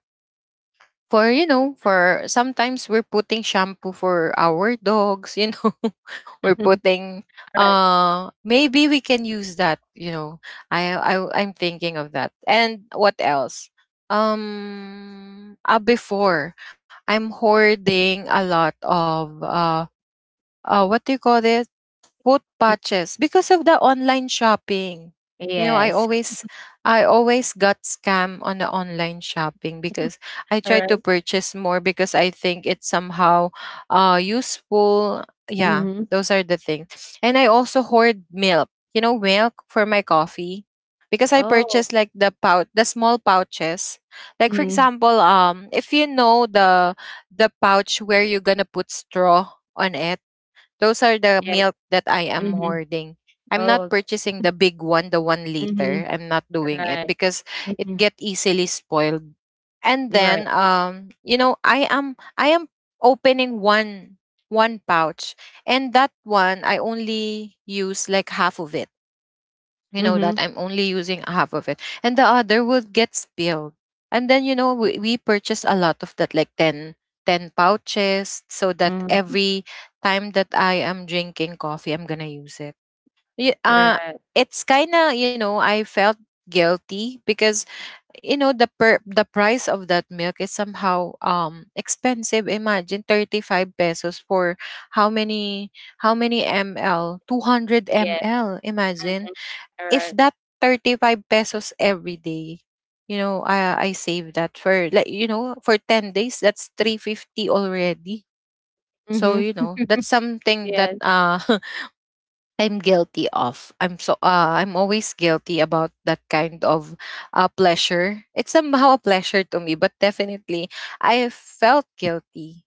you know, for sometimes we're putting shampoo for our dogs, you know. We're putting Right. Maybe we can use that, you know. i i I'm thinking of that. And what else? Before, I'm hoarding a lot of what do you call this, put patches, Mm. because of the online shopping. You know, Yes. I always got scammed on the online shopping because I All tried to right. purchase more because I think it's somehow useful. Yeah, Mhm. those are the things. And I also hoard milk. You know, milk for my coffee because I Oh. purchased like the pouch, the small pouches. Like for Mhm. example, if you know the pouch where you're going to put straw on it, those are the Yes. milk that I am Mhm. hoarding. I'm not Oh. purchasing the big one, the one Mhm. liter. I'm not doing it Right. because it Mhm. get easily spoiled. And You're then, right. You know, I am opening one pouch, and that one I only use like half of it. You know that Mhm. I'm only using half of it and the other will get spilled. And then, you know, we purchase a lot of that, like 10 pouches, so that Mhm. every time that I am drinking coffee, I'm gonna use it. Y- uh, Right. it's kind of, you know, I felt guilty because, you know, the price of that milk is somehow expensive. Imagine 35 pesos for how many, how many ml, 200 Yes. ml Imagine Mhm. All if right. that 35 pesos every day, you know, I save that for like, you know, for 10 days, that's 350 already. So, you Mhm. know, that's something that Yes. I'm guilty of. I'm so I'm always guilty about that kind of pleasure. It's somehow a pleasure to me, but definitely I felt guilty.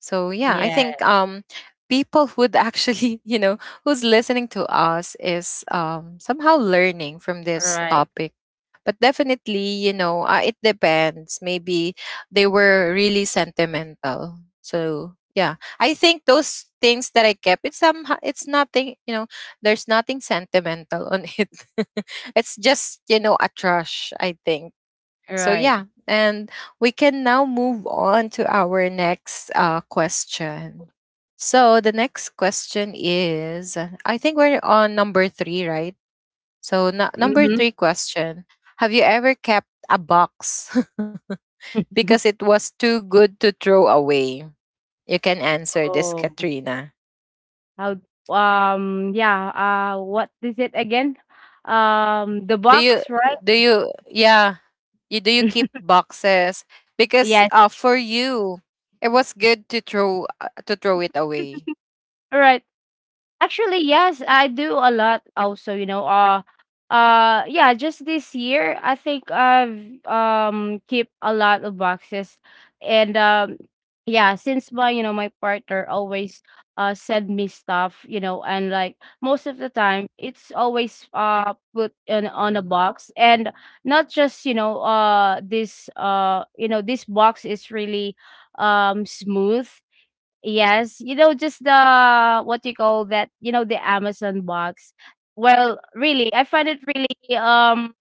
So yeah, I Yeah. think people who would actually you know, who's listening to us is somehow learning from All this right. topic. But definitely, you know, it depends. Maybe they were really sentimental. So yeah, I think those things that I kept, it's somehow, it's nothing, you know, there's nothing sentimental on it. It's just, you know, a trash, I think. All So right. yeah, and we can now move on to our next question. So the next question is, I think we're on number three, right? So number Mhm. three question: Have you ever kept a box because it was too good to throw away? You can answer this, Oh. Katrina. How Yeah, what is it again? The Do you box, right? do you, yeah? You Do you keep boxes because, Yes. For you it was good to throw it away? All right. Actually, yes, I do a lot also, you know. Yeah, just this year I think I've keep a lot of boxes. And yeah, since my, you know, my partner always send me stuff, you know, and like most of the time it's always put in on a box. And not just, you know, this you know, this box is really smooth. Yes, you know, just the what you call that, you know, the Amazon box. Well, really, I find it really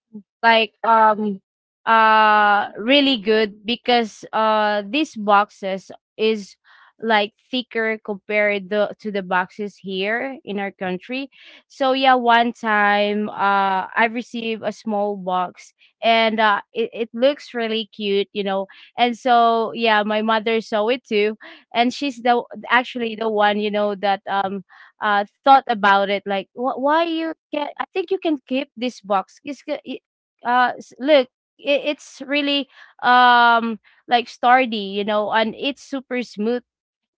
like um really good because these boxes is like thicker compared to the boxes here in our country. So yeah, one time I received a small box, and it looks really cute, you know. And so yeah, my mother saw it too, and she's the actually the one, you know, that thought about it, like, Why you can, I think you can keep this box. It's, g- it- s- Look, it's really um like sturdy, you know, and it's super smooth."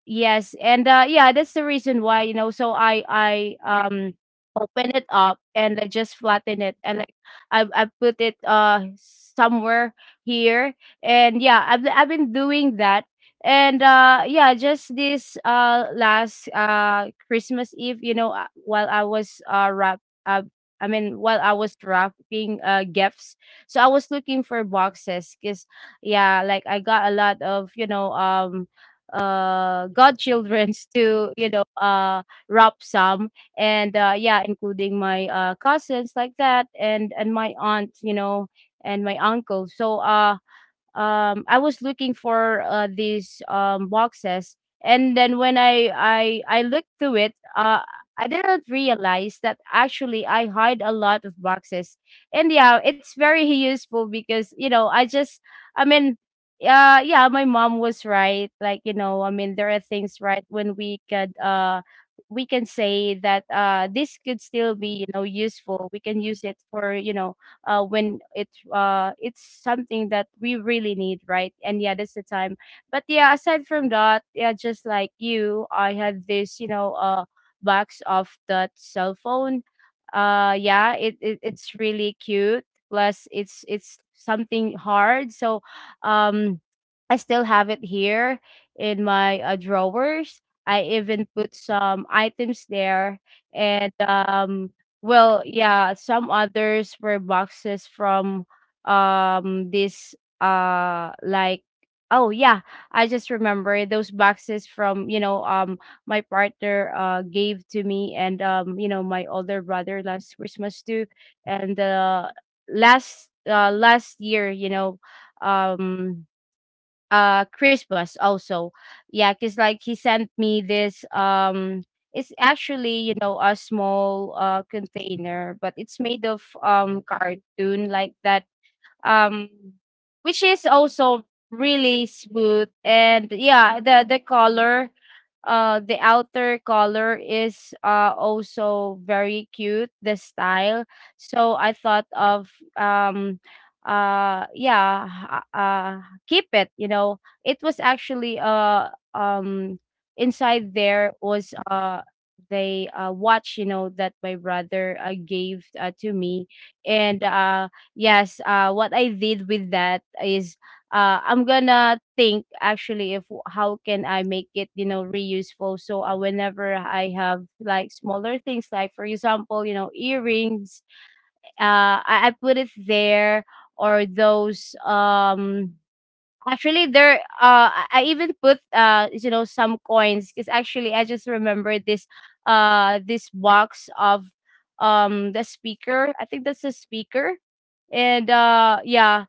Yes, and yeah, that's the reason why, you know. So I open it up and I just flatten it and like I put it somewhere here. And yeah, I've been doing that. And yeah, just this last Christmas Eve, you know, while I was wrap I mean, while I was wrapping gifts, so I was looking for boxes, because yeah, like I got a lot of, you know, godchildrens to, you know, wrap some. And yeah, including my cousins like that, and my aunt, you know, and my uncle. So I was looking for, these boxes. And then when I looked through it, I didn't realize that actually I hide a lot of boxes. And yeah, it's very useful because, you know, I just, I mean, yeah, my mom was right. Like, you know, I mean there are things, right, when we could we can say that this could still be, you know, useful. We can use it for, you know, when it's something that we really need, right? And yeah, that's the time. But yeah, aside from that, yeah, just like you, I had this, you know, box of that cell phone. Yeah, it it's really cute. Plus, it's something hard, so um, I still have it here in my drawers. I even put some items there, and well, yeah, some others were boxes from this like oh yeah, I just remember those boxes from, you know, my partner gave to me, and you know, my older brother last Christmas too, and last last year, you know, um Christmas also. Yeah, cuz like he sent me this it's actually, you know, a small container, but it's made of cartoon like that, um which is also really smooth. And yeah, the color, the outer color is also very cute, the style. So I thought of um yeah, uh uh, keep it, you know. It was actually um inside. There was the watch, you know, that my brother gave, to me. And yes, what I did with that is, I'm gonna think actually if how can I make it, you know, reuseful. So whenever I have like smaller things, like for example, you know, earrings, I put it there, or those actually there, I even put, you know, some coins, because actually I just remember this this box of the speaker, I think that's a speaker. And yeah,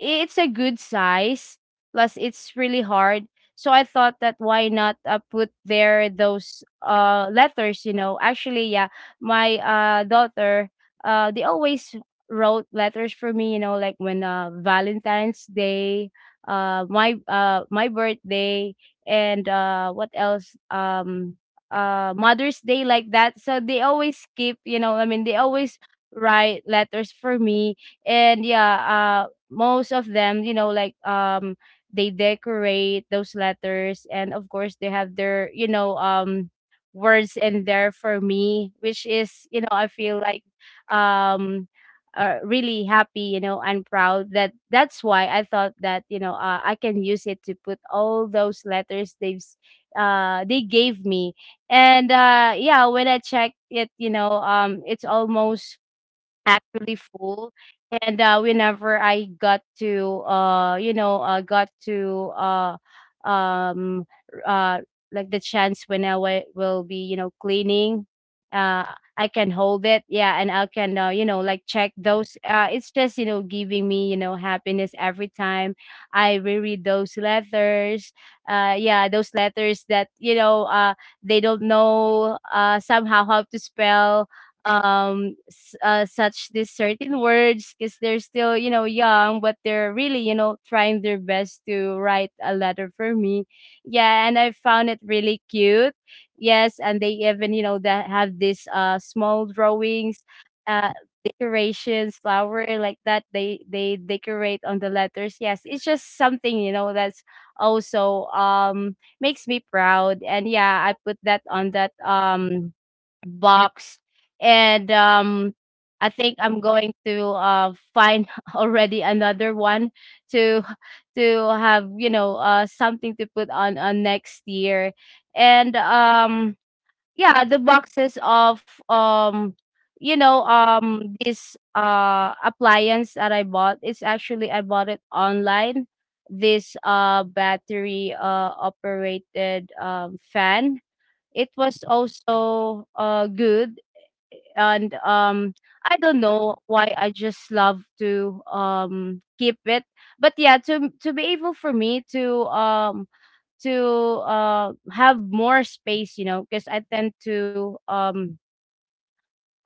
it's a good size, plus it's really hard. So I thought that why not, put there those letters, you know. Actually, yeah, my daughter, they always wrote letters for me, you know, like when Valentine's Day, my birthday, and what else, Mother's Day, like that. So they always keep, you know, I mean they always write letters for me. And yeah, most of them, you know, like they decorate those letters, and of course, they have their, you know, words in there for me, which is, you know, I feel like um really happy, you know, and proud. That that's why I thought that, you know, I can use it to put all those letters they gave me. And yeah, when I checked it, you know, it's almost actually full. And whenever I got to you know got to um uh like the chance when will be, you know, cleaning, uh I can hold it, yeah, and I can, you know, like check those it's just, you know, giving me, you know, happiness every time I reread those letters. Yeah, those letters that, you know, they don't know somehow how to spell such these certain words, because they're still, you know, young, but they're really, you know, trying their best to write a letter for me. Yeah, and I found it really cute. Yes, and they even, you know, that have these small drawings, uh decorations, flower, like that, they decorate on the letters. Yes, it's just something, you know, that's also makes me proud. And yeah, I put that on that box. And I think I'm going to find already another one to to have, you know, something to put on next year. And yeah, the boxes of you know, this appliance that I bought, it's actually I bought it online. This battery operated fan, it was also good. And I don't know why, I just love to keep it. But yeah, to be able for me to, to have more space, you know. Because I tend to,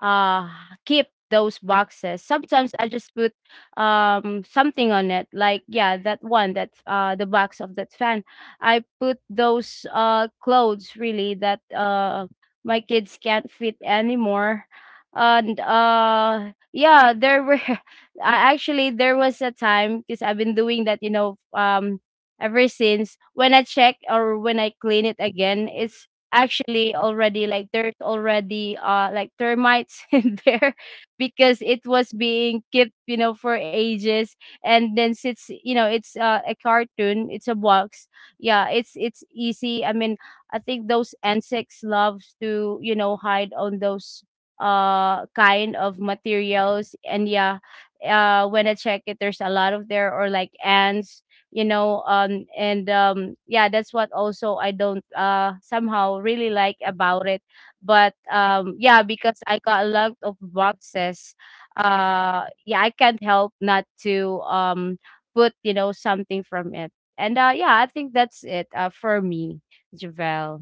uh keep those boxes. Sometimes I just put something on it, like yeah, that one, that the box of that fan, I put those clothes really that my kids can't fit anymore. And yeah, there were actually there was a time because I've been doing that, you know, ever since, when I check or when I clean it again, it's actually already like there's already like termites in there, because it was being kept, you know, for ages. And then since, you know, it's a cartoon, it's a box, yeah, it's easy, I mean, I think those insects loves to, you know, hide on those kind of materials. And yeah, when I check it, there's a lot of there, or like ants, you know. And yeah, that's what also I don't somehow really like about it. But yeah, because I got a lot of boxes, yeah, I can't help not to put, you know, something from it. And yeah, I think that's it, for me, Javel.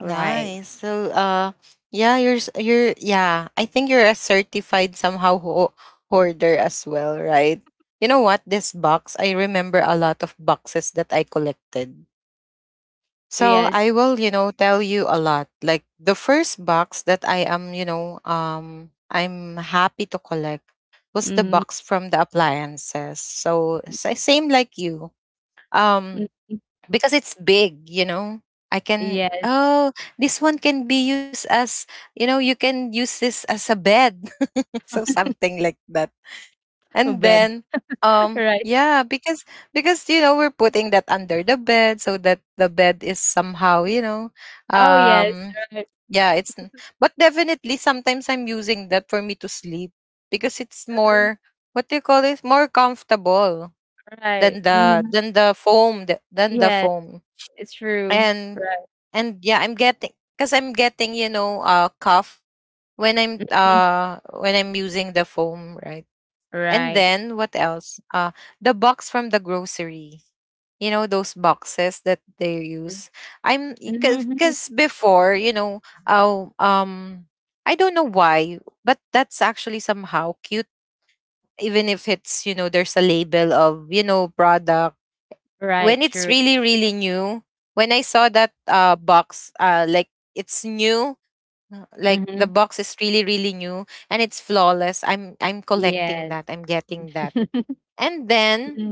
Right. Nice. So, yeah, you're, yeah. I think you're a certified somehow hoarder as well, right? You know what? This box, I remember a lot of boxes that I collected. So I Yes. will, you know, tell you a lot. Like the first box that you know, I'm happy to collect was the Mm-hmm. box from the appliances. So same like you. Mm, Um, because it's big, you know. I can, yes. oh, this one can be used as, you know, you can use this as a bed. So something like that. A And bed? then Right. yeah, because you know, we're putting that under the bed so that the bed is somehow, you know, Oh, yes. um Right. yeah, but definitely sometimes I'm using that for me to sleep because it's Mhm. more, what do you call it? More comfortable Right. than the, Hmm. Than the Yes. foam. It's true. and Right. and yeah, I'm getting, because I'm getting, you know, cough when I'm Mm. When I'm using the foam, right? And Right. then what else? The box from the grocery, you know, those boxes that they Mm. use. I'm Mhm. Because before, you know, oh I don't know why, but that's actually somehow cute even if it's, you know, there's a label of, you know, product. Right, When it's true. really, really new, when I saw that box, uh, like, it's new, like, the Mhm. box is really, really new, and it's flawless, I'm Yes. collecting that, I'm getting that. And then Mm.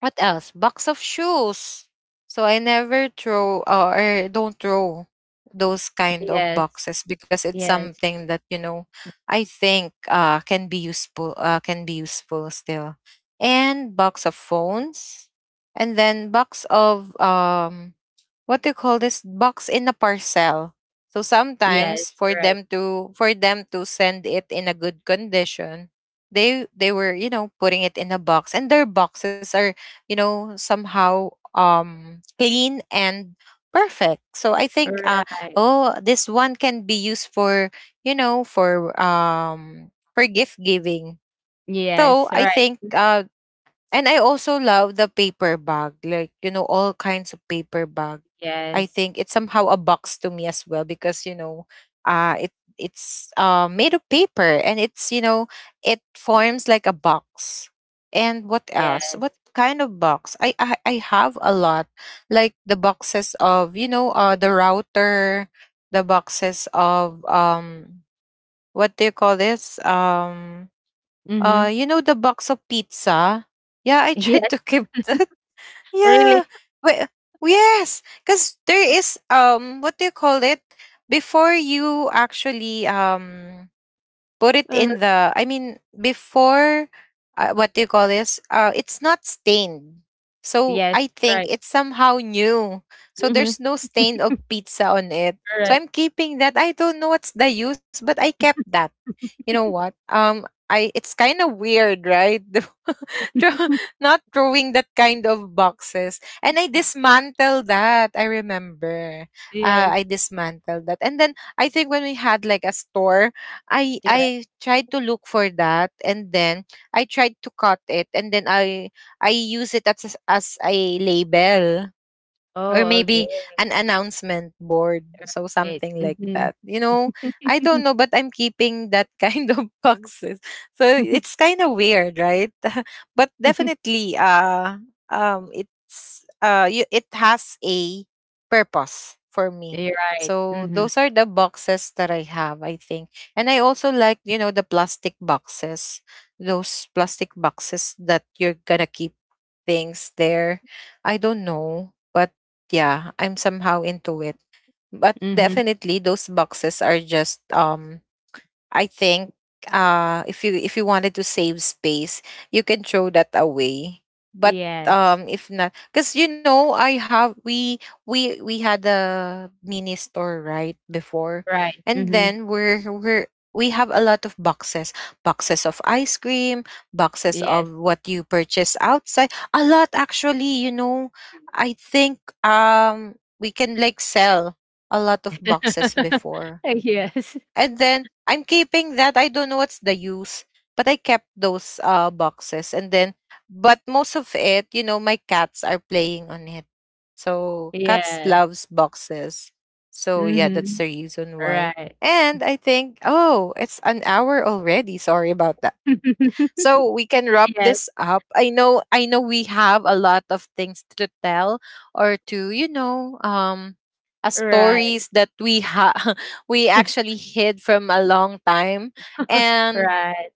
what else? Box of shoes. So I never throw, or don't throw those kind of Yes. boxes because it's Yes. something that, you know, I think can be useful, can be useful still. And box of phones, and then box of, what do you call this, box in a parcel, so Yes. sometimes Right. For them to send it in a good condition, they were, you know, putting it in a box, and their boxes are, you know, somehow clean and perfect. So I think, Right. oh, this one can be used for, you know, for gift giving. So Yes. I Right. think, Mhm. And I also love the paper bag, like, you know, all kinds of paper bag. I Yes. think it's somehow a box to me as well because, you know, it, it's made of paper, and it's, you know, it forms like a box. And what else? Yes. What kind of box? I have a lot, like the boxes of, you know, the router, the boxes of, what do you call this? Mhm. You know, the box of pizza? Yeah, I tried Yes. to keep that. Yeah. Really? Wait, yes, because there is, what do you call it? Before you actually put it Uh-huh. in the, I mean, before, what do you call this? It's not stained. So Yes. I think Right. it's somehow new. So Mhm. there's no stain of pizza on it. So Right. I'm keeping that. I don't know what's the use, but I kept that. You know what? I, it's kind of weird, right? Throw- Not throwing that kind of boxes, and I dismantled that. I remember, I Yes. dismantled that, and then I think when we had like a store, Yeah. I tried to look for that, and then I tried to cut it, and then I use it as a label, or Oh, maybe okay. an announcement board, so Right. something like Mhm. that, you know. I don't know, but I'm keeping that kind of boxes, so it's kind of weird, right? But definitely, it's you, it has a purpose for me. You're right. So Mhm. those are the boxes that I have, I think. And I also like, you know, the plastic boxes, those plastic boxes that you're gonna keep things there. I don't know, but yeah, I'm somehow into it. But Mhm. definitely those boxes are just, I think, if you, if you wanted to save space, you can throw that away. But Yes. If not, because, you know, I have, we had a mini store right before, Right. and Mhm. then we're, we have a lot of boxes, boxes of ice cream, boxes of Yes. what you purchase outside, a lot, actually, you know. I think, we can like sell a lot of boxes before, Yes. and then I'm keeping that. I don't know what's the use, but I kept those boxes. And then, but most of it, you know, my cats are playing on it. So cats Yes. loves boxes. So yeah, that's Mhm. the reason why. Right. And I think, oh, it's an hour already. Sorry about that. So we can wrap this Yes. up. I know we have a lot of things to tell, or to, you know, Right. stories that we ha we actually hid from a long time. And Right.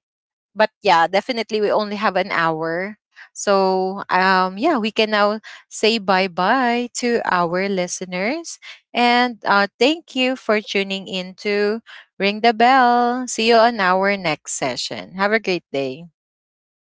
but yeah, definitely we only have an hour. So yeah, we can now say bye-bye to our listeners. And thank you for tuning in to Ring the Bell. See you on our next session. Have a great day. Have a great